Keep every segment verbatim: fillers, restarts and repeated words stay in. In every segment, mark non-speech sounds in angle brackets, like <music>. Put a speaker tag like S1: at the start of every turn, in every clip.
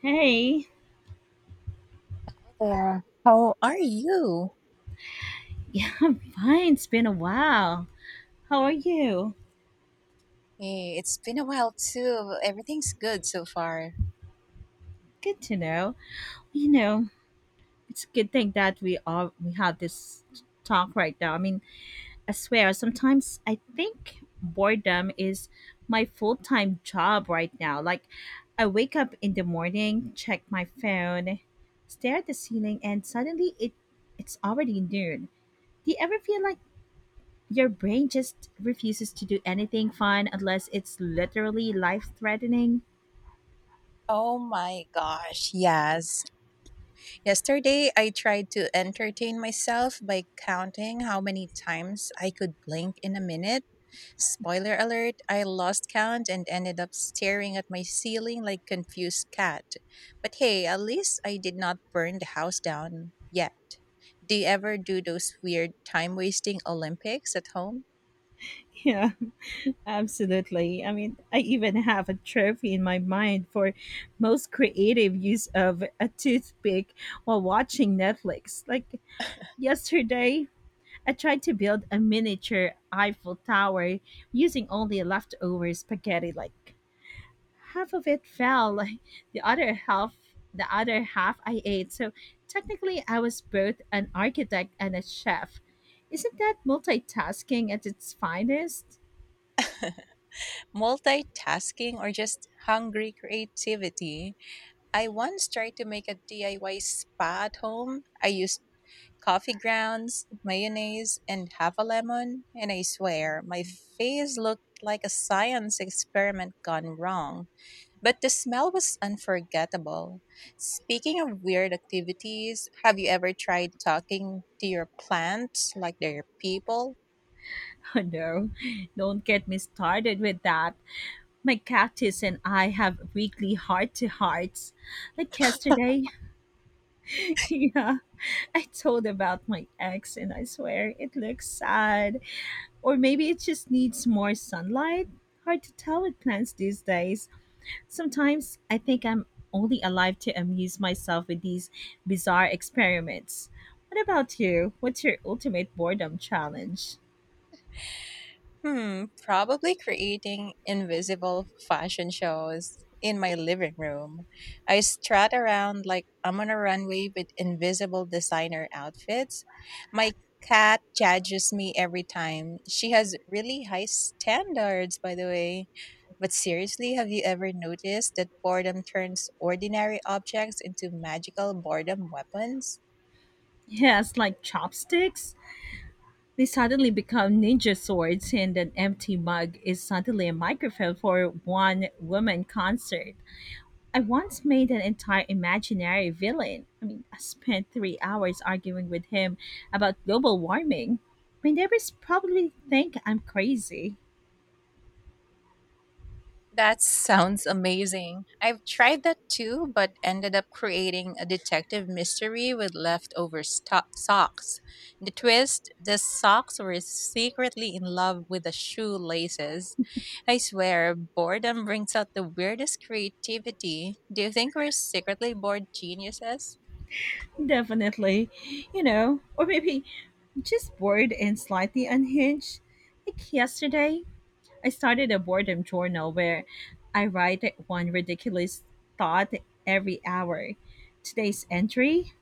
S1: Hey,
S2: There. How are you?
S1: <laughs> yeah, I'm fine. It's been a while. How are you?
S2: Eh, it's been a while too. Everything's good so far.
S1: Good to know. You know, it's a good thing that we all we have this talk right now. I mean, I swear, sometimes I think boredom is my full time job right now. Like, I wake up in the morning, check my phone, stare at the ceiling, and suddenly it it's already noon. Do you ever feel like your brain just refuses to do anything fun unless it's literally life threatening?
S2: Oh my gosh, yes. Yesterday, I tried to entertain myself by counting how many times I could blink in a minute. Spoiler alert, I lost count and ended up staring at my ceiling like confused cat. But hey, at least I did not burn the house down yet. Do you ever do those weird time wasting Olympics at home?
S1: Yeah, <laughs> absolutely. I mean, I even have a trophy in my mind for most creative use of a toothpick while watching Netflix. Like yesterday, I tried to build a miniature Eiffel Tower using only leftover spaghetti. Like, half of it fell. <laughs> The other half, the other half I ate. So technically, I was both an architect and a chef. Isn't that multitasking at its finest? <laughs>
S2: Multitasking or just hungry creativity. I once tried to make a D I Y spa at home. I used coffee grounds, mayonnaise, and half a lemon, and I swear my face looked like a science experiment gone wrong. But the smell was unforgettable. Speaking of weird activities, have you ever tried talking to your plants like they're people?
S1: Oh no, don't get me started with that. My cactus and I have weekly heart to hearts. Like yesterday, <laughs> yeah, I told about my ex, and I swear it looks sad. Or maybe it just needs more sunlight. Hard to tell with plants these days. Sometimes I think I'm only alive to amuse myself with these bizarre experiments. What about you? What's your ultimate boredom challenge?
S2: Hmm, probably creating invisible fashion shows in my living room. I strut around like I'm on a runway with invisible designer outfits. My cat judges me every time. She has really high standards, by the way. But seriously, have you ever noticed that boredom turns ordinary objects into magical boredom weapons?
S1: Yes, like chopsticks? They suddenly become ninja swords, and an empty mug is suddenly a microphone for one woman concert. I once made an entire imaginary villain. I mean, I spent three hours arguing with him about global warming. My neighbors probably think I'm crazy.
S2: That sounds amazing. I've tried that too, but ended up creating a detective mystery with leftover sto- socks. The twist, the socks were secretly in love with the shoelaces. I swear, boredom brings out the weirdest creativity. Do you think we're secretly bored geniuses?
S1: Definitely, you know, or maybe just bored and slightly unhinged. Like yesterday, I started a boredom journal where I write one ridiculous thought every hour. Today's entry,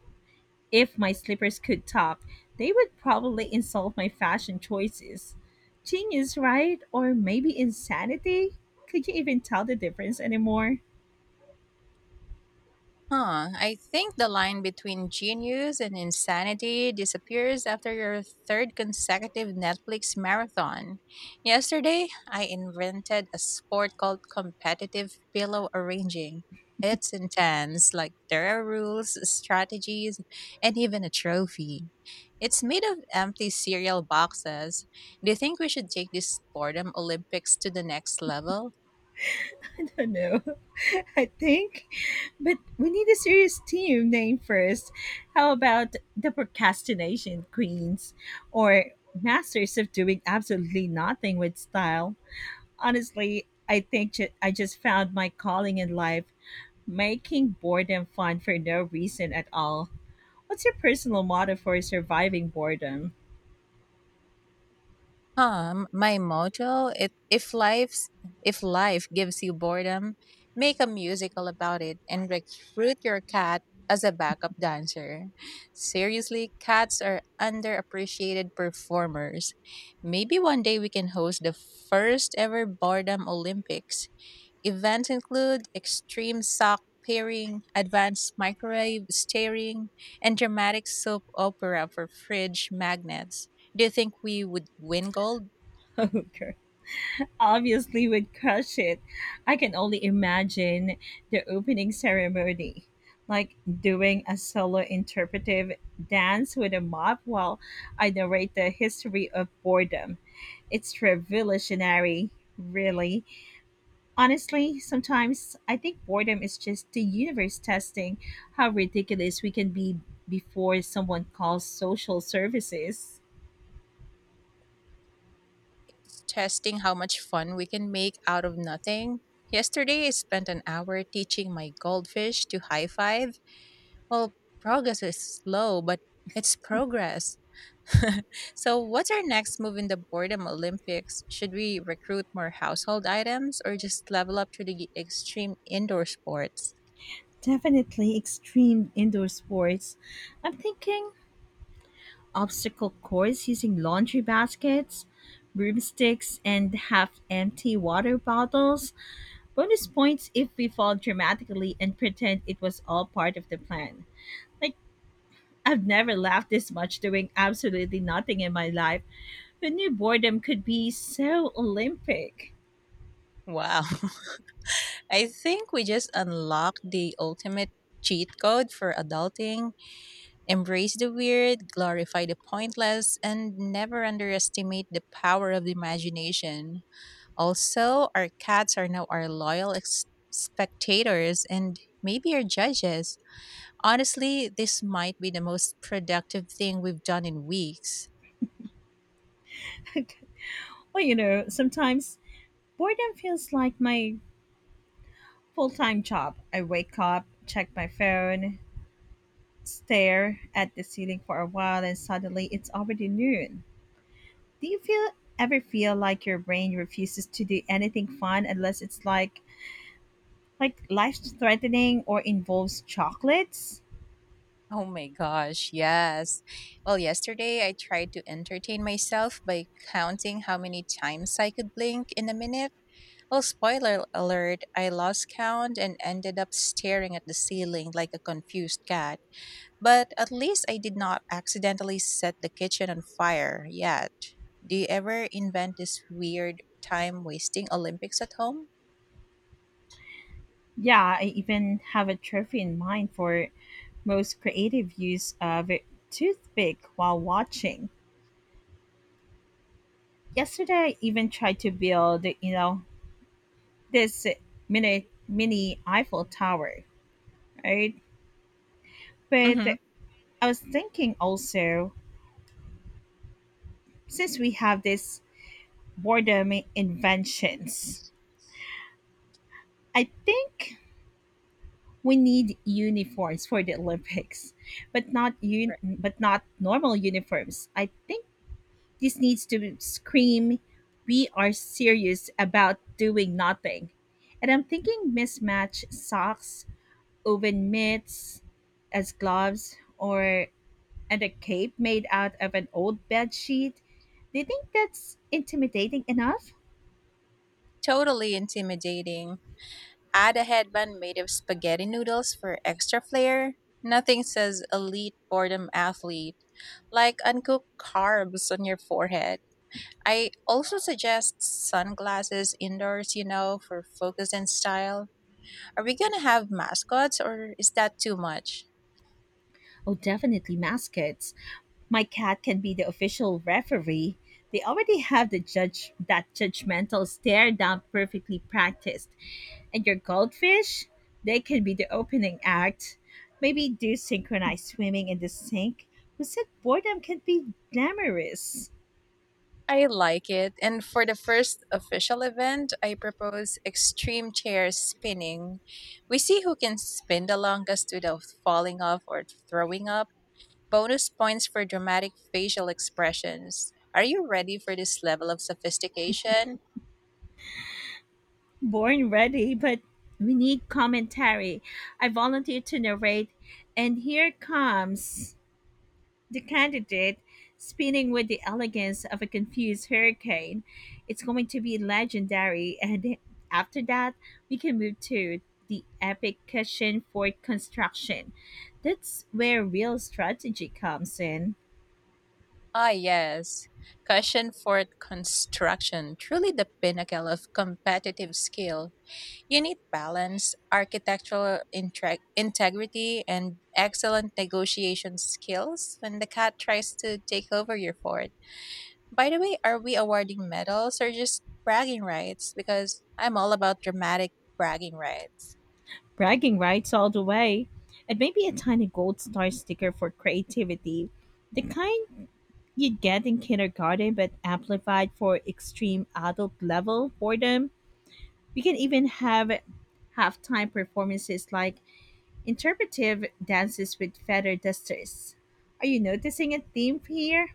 S1: if my slippers could talk, they would probably insult my fashion choices. Genius, right? Or maybe insanity? Could you even tell the difference anymore?
S2: Huh. I think the line between genius and insanity disappears after your third consecutive Netflix marathon. Yesterday, I invented a sport called competitive pillow arranging. It's intense, like there are rules, strategies, and even a trophy. It's made of empty cereal boxes. Do you think we should take this boredom Olympics to the next level?
S1: <laughs> I don't know. <laughs> I think. But we need a serious team name first. How about the procrastination queens or masters of doing absolutely nothing with style? Honestly, I think ju- I just found my calling in life, making boredom fun for no reason at all. What's your personal motto for surviving boredom? <laughs>
S2: Um, my motto it, if life's if life gives you boredom, make a musical about it and recruit your cat as a backup dancer. Seriously, cats are underappreciated performers. Maybe one day we can host the first ever boredom Olympics. Events include extreme sock pairing, advanced microwave steering, and dramatic soap opera for fridge magnets. Do you think we would win gold?
S1: Oh, girl. Obviously would crush it. I can only imagine the opening ceremony, like doing a solo interpretive dance with a mop while I narrate the history of boredom. It's revolutionary, really. Honestly, sometimes I think boredom is just the universe testing how ridiculous we can be before someone calls social services.
S2: It's testing how much fun we can make out of nothing. Yesterday, I spent an hour teaching my goldfish to high five. Well, progress is slow, but it's progress. So, what's our next move in the boredom Olympics? Should we recruit more household items or just level up to the extreme indoor sports?
S1: Definitely extreme indoor sports. I'm thinking obstacle course using laundry baskets, broomsticks, and half empty water bottles. Bonus points if we fall dramatically and pretend it was all part of the plan. Like, I've never laughed this much doing absolutely nothing in my life. Who knew boredom could be so Olympic?
S2: Wow. <laughs> I think we just unlocked the ultimate cheat code for adulting. Embrace the weird, glorify the pointless, and never underestimate the power of the imagination. Also, our cats are now our loyal ex- spectators and maybe our judges. Honestly, this might be the most productive thing we've done in weeks.
S1: <laughs> Well, you know, sometimes boredom feels like my full time job. I wake up, check my phone, stare at the ceiling for a while, and suddenly it's already noon. Do you feel ever feel like your brain refuses to do anything fun unless it's like like life threatening or involves chocolates?
S2: Oh my gosh, yes. Well, yesterday I tried to entertain myself by counting how many times I could blink in a minute. Well, spoiler alert, I lost count and ended up staring at the ceiling like a confused cat. But at least I did not accidentally set the kitchen on fire yet. Do you ever invent this weird time wasting Olympics at home?
S1: Yeah, I even have a trophy in mind for most creative use of a toothpick while watching. Yesterday I even tried to build, you know, this mini mini Eiffel Tower, right? But
S2: Mm-hmm.
S1: I was thinking also, since we have this boredom inventions, I think we need uniforms for the Olympics, but not un- but not normal uniforms. I think this needs to scream, "We are serious about doing nothing." And I'm thinking mismatched socks, oven mitts as gloves, or and a cape made out of an old bed sheet. Do you think that's intimidating enough?
S2: Totally intimidating. Add a headband made of spaghetti noodles for extra flair. Nothing says elite boredom athlete like uncooked carbs on your forehead. I also suggest sunglasses indoors, you know, for focus and style. Are we going to have mascots or is that too much?
S1: Oh, definitely mascots. My cat can be the official referee. They already have the judge that judgmental stare down perfectly practiced. And your goldfish, they can be the opening act. Maybe do synchronized swimming in the sink. Who said boredom can be glamorous?
S2: I like it. And for the first official event, I propose extreme chair spinning. We see who can spin the longest without falling off or throwing up. Bonus points for dramatic facial expressions. Are you ready for this level of sophistication?
S1: Born ready, but we need commentary. I volunteer to narrate, and here comes the candidate, spinning with the elegance of a confused hurricane. It's going to be legendary. And after that, we can move to the epic cushion fort construction. That's where real strategy comes in.
S2: Ah, yes. Cushion fort construction, truly the pinnacle of competitive skill. You need balance, architectural intre- integrity, and excellent negotiation skills when the cat tries to take over your fort. By the way, are we awarding medals or just bragging rights? Because I'm all about dramatic bragging rights.
S1: Bragging rights all the way. And maybe a tiny gold star sticker for creativity. The kind you'd get in kindergarten but amplified for extreme adult level boredom. We can even have halftime performances like interpretive dances with feather dusters. Are you noticing a theme here?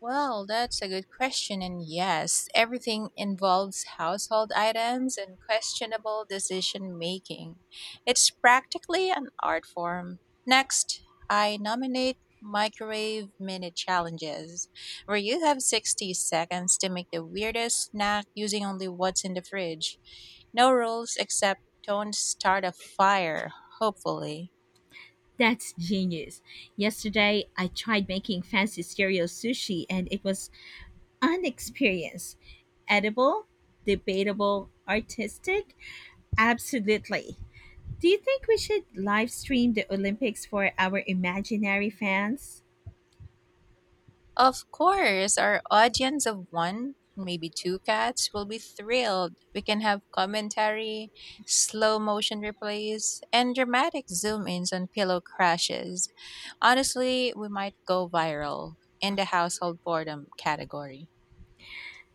S2: Well, that's a good question. And yes, everything involves household items and questionable decision making. It's practically an art form. Next, I nominate microwave minute challenges, where you have sixty seconds to make the weirdest snack using only what's in the fridge. No rules except don't start a fire, hopefully.
S1: That's genius. Yesterday, I tried making fancy stereo sushi and it was an experience. Edible, debatable, artistic? Absolutely. Do you think we should live stream the Olympics for our imaginary fans?
S2: Of course, our audience of one, maybe two cats will be thrilled. We can have commentary, slow motion replays, and dramatic zoom ins on pillow crashes. Honestly, we might go viral in the household boredom category.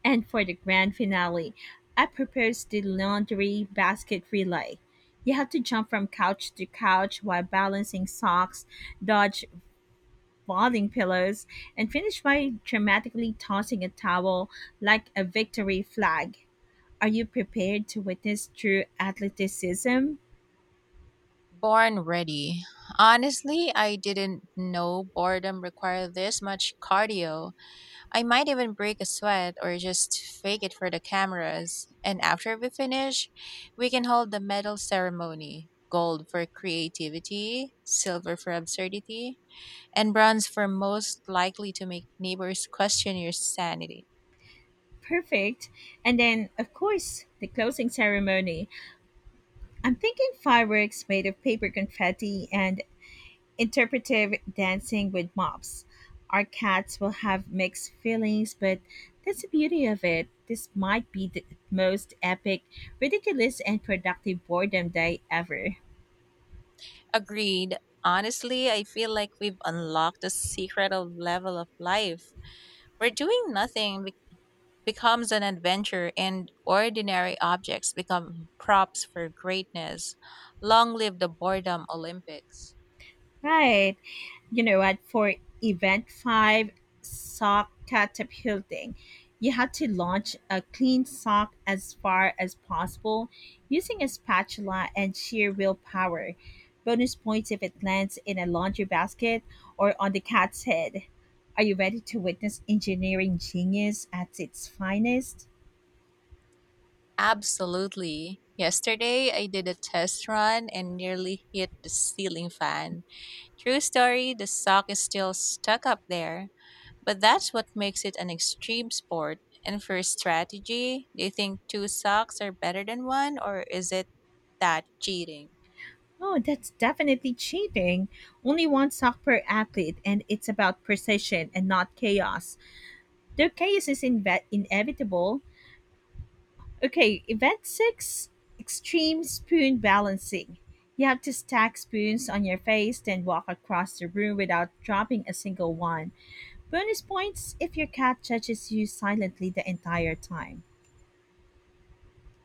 S1: And for the grand finale, I proposed the laundry basket relay. You have to jump from couch to couch while balancing socks, dodge falling pillows, and finish by dramatically tossing a towel like a victory flag. Are you prepared to witness true athleticism?
S2: Born ready. Honestly, I didn't know boredom required this much cardio. I might even break a sweat or just fake it for the cameras. And after we finish, we can hold the medal ceremony: gold for creativity, silver for absurdity, and bronze for most likely to make neighbors question your sanity.
S1: Perfect. And then, of course, the closing ceremony. I'm thinking fireworks made of paper confetti and interpretive dancing with mops. Our cats will have mixed feelings, but that's the beauty of it. This might be the most epic, ridiculous, and productive boredom day ever.
S2: Agreed. Honestly, I feel like we've unlocked the secret of level of life. We're doing nothing becomes an adventure and ordinary objects become props for greatness. Long live the boredom Olympics.
S1: Right. You know what? For event five, sock catapulting, you had to launch a clean sock as far as possible using a spatula and sheer willpower. Bonus points if it lands in a laundry basket or on the cat's head. Are you ready to witness engineering genius at its finest?
S2: Absolutely. Yesterday, I did a test run and nearly hit the ceiling fan. True story, the sock is still stuck up there. But that's what makes it an extreme sport. And for strategy, do you think two socks are better than one, or is it that cheating?
S1: Oh, that's definitely cheating. Only one sock per athlete, and it's about precision and not chaos. Their chaos is inve- inevitable. Okay, event six, extreme spoon balancing. You have to stack spoons on your face, then walk across the room without dropping a single one. Bonus points if your cat judges you silently the entire time.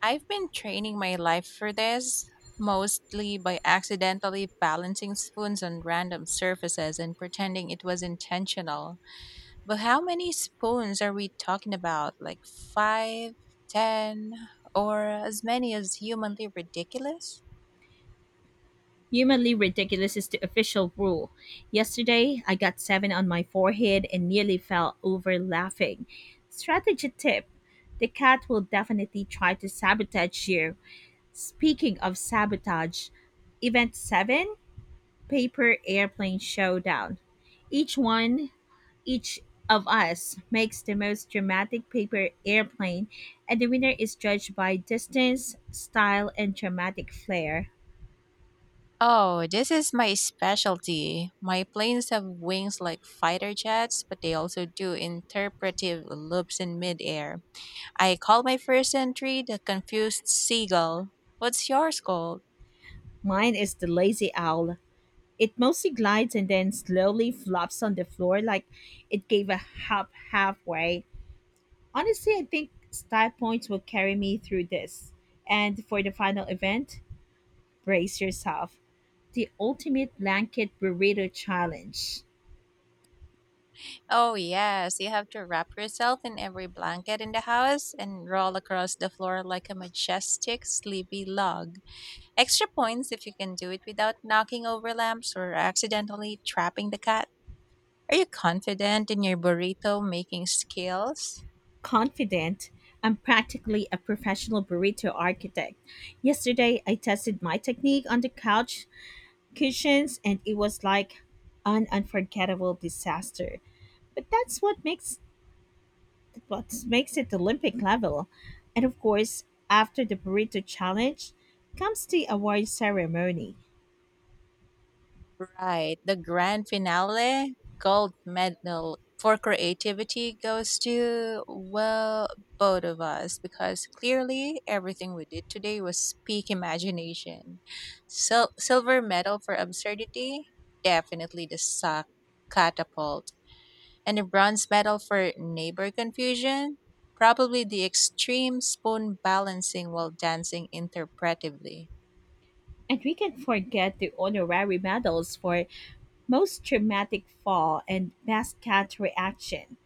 S2: I've been training my life for this, mostly by accidentally balancing spoons on random surfaces and pretending it was intentional. But how many spoons are we talking about? Like five, ten, or as many as humanly ridiculous?
S1: Humanly ridiculous is the official rule. Yesterday, I got seven on my forehead and nearly fell over laughing. Strategy tip: the cat will definitely try to sabotage you. Speaking of sabotage, Event seven, Paper Airplane Showdown. Each one, each of us makes the most dramatic paper airplane, and the winner is judged by distance, style, and dramatic flair.
S2: Oh, this is my specialty. My planes have wings like fighter jets, but they also do interpretive loops in midair. I call my first entry the confused seagull. What's yours called?
S1: Mine is the lazy owl. It mostly glides and then slowly flops on the floor like it gave a hop halfway. Honestly, I think style points will carry me through this. And for the final event, brace yourself. The ultimate blanket burrito challenge.
S2: Oh, yes, you have to wrap yourself in every blanket in the house and roll across the floor like a majestic, sleepy log. Extra points if you can do it without knocking over lamps or accidentally trapping the cat. Are you confident in your burrito making skills?
S1: Confident, I'm practically a professional burrito architect. Yesterday, I tested my technique on the couch cushions and it was like an unforgettable disaster. But that's what makes what makes it Olympic level. And of course, after the burrito challenge comes the award ceremony.
S2: Right. The grand finale: gold medal for creativity goes to, well, both of us, because clearly everything we did today was peak imagination. Sil- silver medal for absurdity, definitely the sock catapult. And the bronze medal for neighbor confusion, probably the extreme spoon balancing while dancing interpretively.
S1: And we can forget the honorary medals for most traumatic fall and best cat reaction.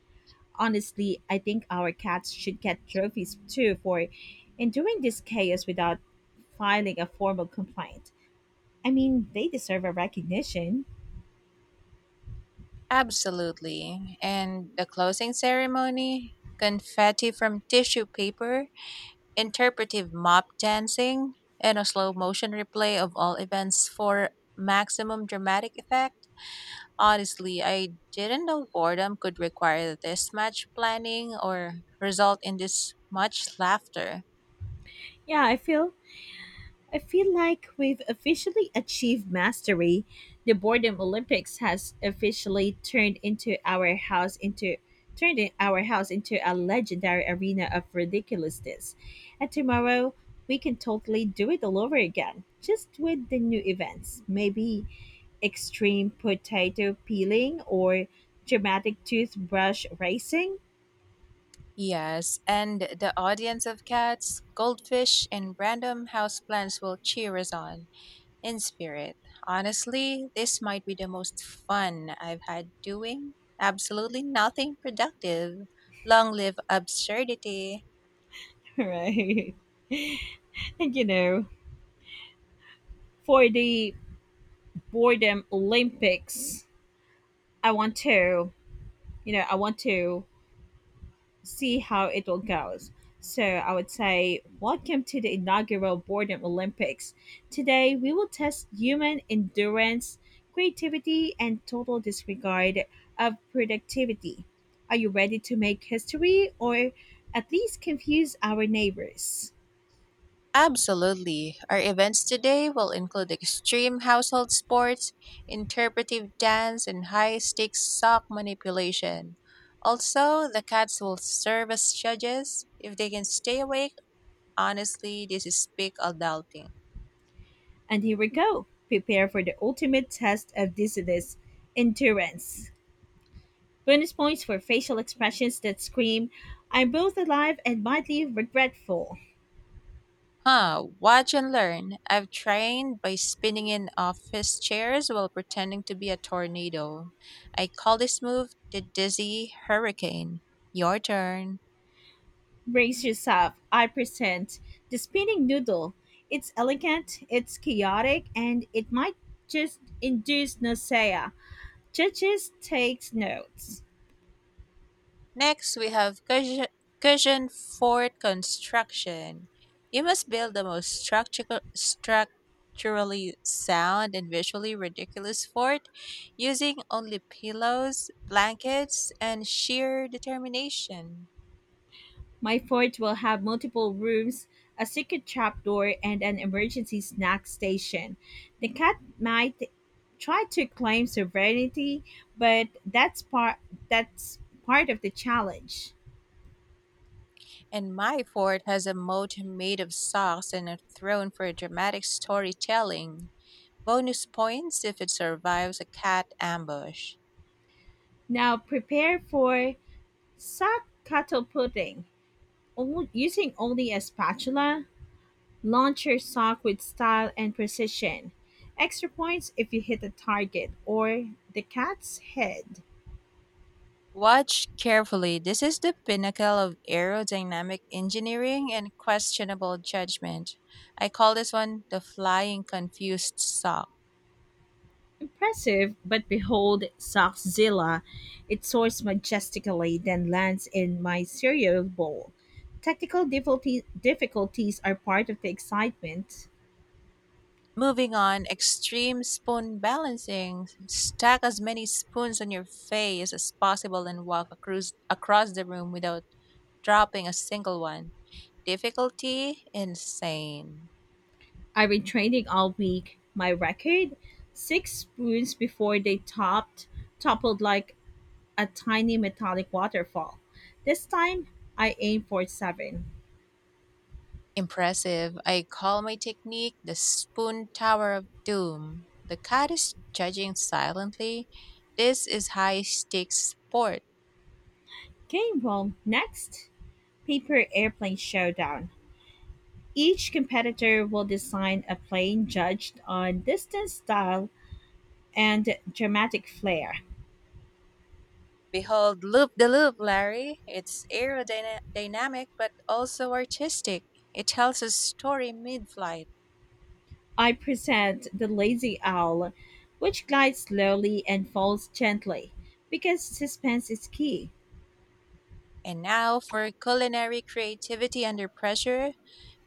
S1: Honestly, I think our cats should get trophies too for enduring this chaos without filing a formal complaint. I mean, they deserve a recognition.
S2: Absolutely. And the closing ceremony: confetti from tissue paper, interpretive mop dancing, and a slow motion replay of all events for maximum dramatic effect. Honestly, I didn't know boredom could require this much planning or result in this much laughter.
S1: Yeah, I feel I feel like we've officially achieved mastery. The boredom Olympics has officially turned into our house into turned in- our house into a legendary arena of ridiculousness. And tomorrow we can totally do it all over again, just with the new events. Maybe extreme potato peeling or dramatic toothbrush racing.
S2: Yes, and the audience of cats, goldfish, and random houseplants will cheer us on in spirit. Honestly, this might be the most fun I've had doing absolutely nothing productive. Long live absurdity.
S1: <laughs> Right? And you know, for the boredom Olympics, I want to you know, I want to see how it all goes. So I would say, welcome to the inaugural Boredom Olympics. Today we will test human endurance, creativity, and total disregard of productivity. Are you ready to make history, or at least confuse our neighbors?
S2: Absolutely. Our events today will include extreme household sports, interpretive dance, and high stakes sock manipulation. Also, the cats will serve as judges if they can stay awake. Honestly, this is peak adulting.
S1: And here we go. Prepare for the ultimate test of dizziness endurance. Bonus points for facial expressions that scream, "I'm both alive and mildly regretful."
S2: Huh, watch and learn. I've trained by spinning in office chairs while pretending to be a tornado. I call this move the dizzy hurricane. Your turn.
S1: Brace yourself, I present the spinning noodle. It's elegant, it's chaotic, and it might just induce nausea. Judges takes notes.
S2: Next, we have cushion, cushion fort construction. You must build the most structural, structurally sound and visually ridiculous fort using only pillows, blankets, and sheer determination.
S1: My fort will have multiple rooms, a secret trapdoor, and an emergency snack station. The cat might try to claim sovereignty, but that's part that's part of the challenge.
S2: And my fort has a moat made of socks and a throne for dramatic storytelling. Bonus points if it survives a cat ambush.
S1: Now prepare for sock cattle pudding, o- using only a spatula. Launch your sock with style and precision. Extra points if you hit the target or the cat's head.
S2: Watch carefully. This is the pinnacle of aerodynamic engineering and questionable judgment. I call this one the flying confused sock.
S1: Impressive, but behold Sockzilla. It soars majestically, then lands in my cereal bowl. Technical difficulty- difficulties are part of the excitement.
S2: Moving on, extreme spoon balancing. Stack as many spoons on your face as possible and walk across, across the room without dropping a single one. Difficulty insane.
S1: I've been training all week. My record? Six spoons before they topped, toppled like a tiny metallic waterfall. This time, I aim for seven.
S2: Impressive. I call my technique the spoon tower of doom. The cat is judging silently. This is high stakes sport.
S1: Game roll. Next, paper airplane showdown. Each competitor will design a plane judged on distance, style, and dramatic flair.
S2: Behold, loop the loop, Larry. It's aerodynamic but also artistic. It tells a story mid flight.
S1: I present the lazy owl, which glides slowly and falls gently because suspense is key.
S2: And now for culinary creativity under pressure,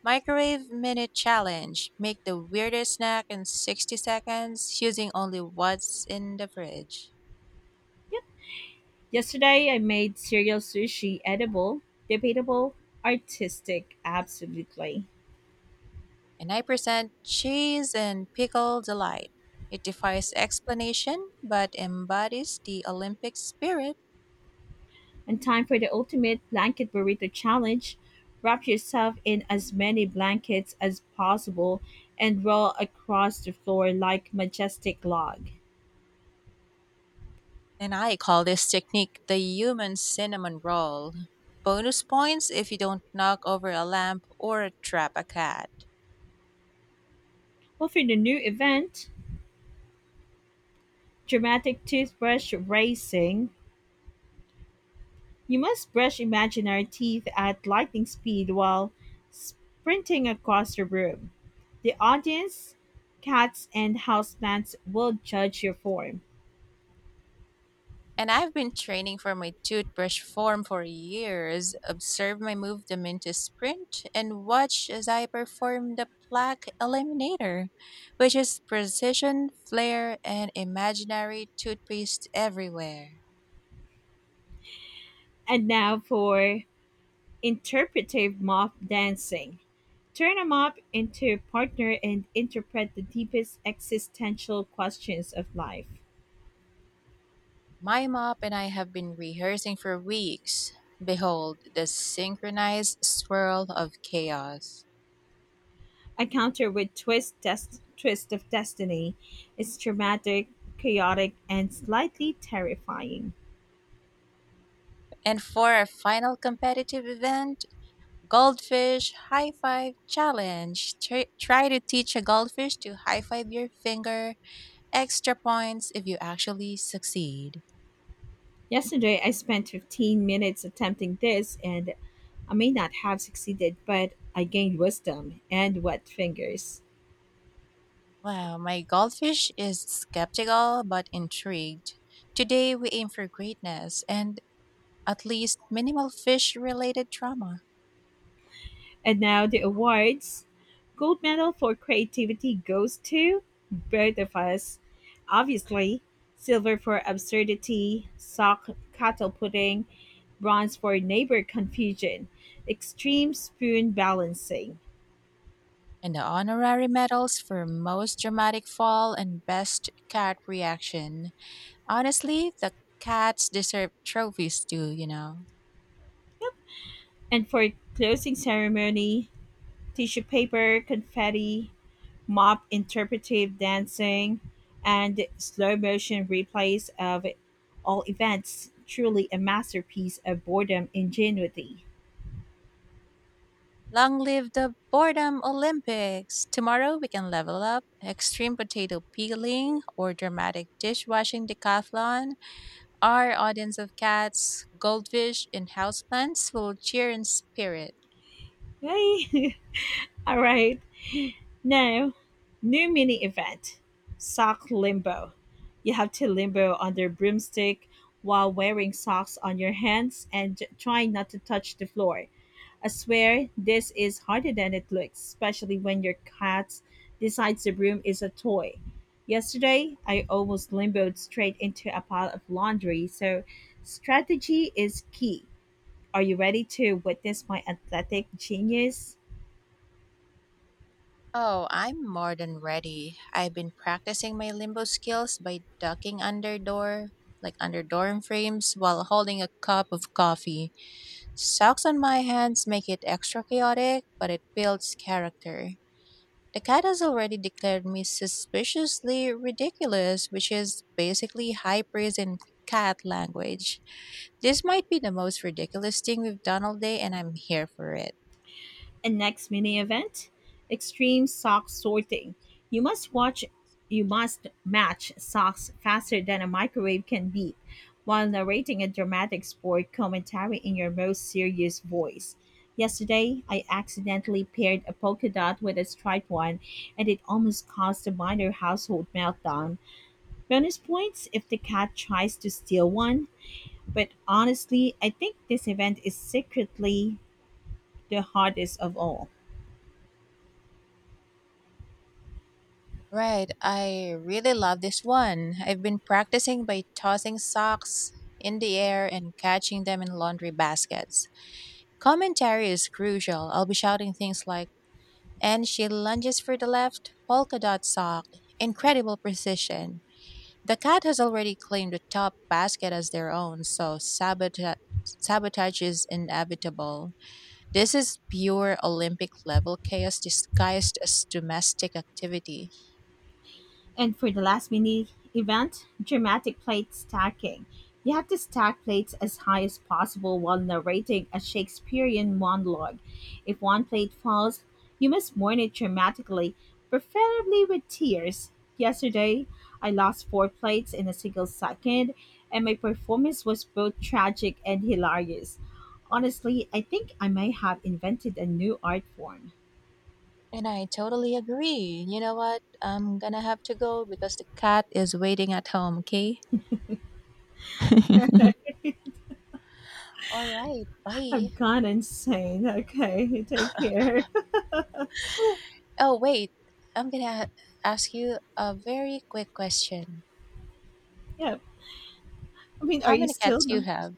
S2: microwave minute challenge. Make the weirdest snack in sixty seconds using only what's in the fridge.
S1: Yesterday, I made cereal sushi. Edible, debatable, artistic, absolutely.
S2: And I present cheese and pickle delight. It defies explanation but embodies the Olympic spirit.
S1: And time for the ultimate blanket burrito challenge. Wrap yourself in as many blankets as possible and roll across the floor like majestic log.
S2: And I call this technique the human cinnamon roll. Bonus points if you don't knock over a lamp or trap a cat.
S1: Well, for the new event, dramatic toothbrush racing, you must brush imaginary teeth at lightning speed while sprinting across the room. The audience, cats, and houseplants will judge your form.
S2: And I've been training for my toothbrush form for years. Observe my movement to sprint, and watch as I perform the plaque eliminator, which is precision, flair, and imaginary toothpaste everywhere.
S1: And now for interpretive mop dancing. Turn Turn 'em up into partner and interpret the deepest existential questions of life.
S2: My mop and I have been rehearsing for weeks. Behold, the synchronized swirl of chaos.
S1: A counter with twist des- twist of destiny is dramatic, chaotic, and slightly terrifying.
S2: And for our final competitive event, goldfish high five challenge. Try, try to teach a goldfish to high five your finger. Extra points if you actually succeed.
S1: Yesterday I spent fifteen minutes attempting this, and I may not have succeeded, but I gained wisdom and wet fingers.
S2: Wow, my goldfish is skeptical but intrigued. Today we aim for greatness and at least minimal fish related trauma.
S1: And now the awards. Gold medal for creativity goes to both of us. Obviously, silver for absurdity, sock cattle pudding, bronze for neighbor confusion, extreme spoon balancing.
S2: And the honorary medals for most dramatic fall and best cat reaction. Honestly, the cats deserve trophies too, you know.
S1: And for closing ceremony, tissue paper, confetti, mop interpretive dancing, and slow motion replays of all events. Truly a masterpiece of boredom ingenuity.
S2: Long live the Boredom Olympics! Tomorrow we can level up extreme potato peeling or dramatic dishwashing decathlon. Our audience of cats, goldfish, and houseplants will cheer in spirit.
S1: Yay! <laughs> All right. Now, new mini event, sock limbo. You have to limbo under broomstick while wearing socks on your hands and trying not to touch the floor. I swear this is harder than it looks, especially when your cat decides the broom is a toy. Yesterday, I almost limboed straight into a pile of laundry, so strategy is key. Are you ready to witness my athletic genius?
S2: Oh, I'm more than ready. I've been practicing my limbo skills by ducking under door, like under dorm frames, while holding a cup of coffee. Socks on my hands make it extra chaotic, but it builds character. The cat has already declared me suspiciously ridiculous, which is basically high praise in cat language. This might be the most ridiculous thing we've done all day, and I'm here for it.
S1: And next mini event, extreme sock sorting. You must watch you must match socks faster than a microwave can beep while narrating a dramatic sport commentary in your most serious voice. Yesterday, I accidentally paired a polka dot with a striped one, and it almost caused a minor household meltdown. Bonus points if the cat tries to steal one, but honestly, I think this event is secretly the hardest of all.
S2: Right, I really love this one. I've been practicing by tossing socks in the air and catching them in laundry baskets. Commentary is crucial. I'll be shouting things like, "And she lunges for the left polka dot sock. Incredible precision." The cat has already claimed the top basket as their own, so sabota- sabotage is inevitable. This is pure Olympic level chaos disguised as domestic activity.
S1: And for the last mini event, dramatic plate stacking. You have to stack plates as high as possible while narrating a Shakespearean monologue. If one plate falls, you must mourn it dramatically, preferably with tears. Yesterday, I lost four plates in a single second, and my performance was both tragic and hilarious. Honestly, I think I may have invented a new art form.
S2: And I totally agree. You know what? I'm gonna have to go because the cat is waiting at home, okay? <laughs> All right,
S1: <laughs>
S2: bye.
S1: I've gone insane. Okay, take care.
S2: Oh, wait. I'm gonna ask you a very quick question.
S1: <laughs> Yeah, I mean, are
S2: How
S1: you
S2: many
S1: still?
S2: cats do you
S1: No?
S2: have?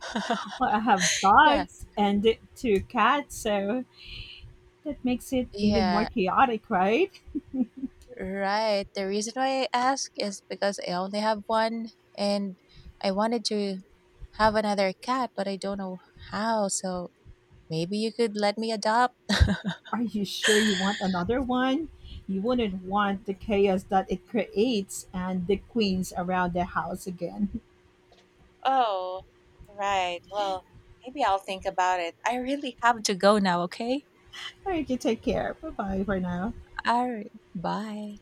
S2: <laughs>
S1: Well, I have
S2: Yeah.
S1: dogs and two cats, so that makes it even more
S2: Yeah,
S1: chaotic, right?
S2: right. The reason why I ask is because I only have one and I wanted to have another cat, but I don't know how. So maybe you could let me adopt.
S1: Are you sure you want another one? You wouldn't want the chaos that it creates and the queens around the house again.
S2: Oh, right. Well, maybe I'll think about it. I really have to go now, okay?
S1: <laughs> All right, you take care. Bye bye for now.
S2: All right. Bye.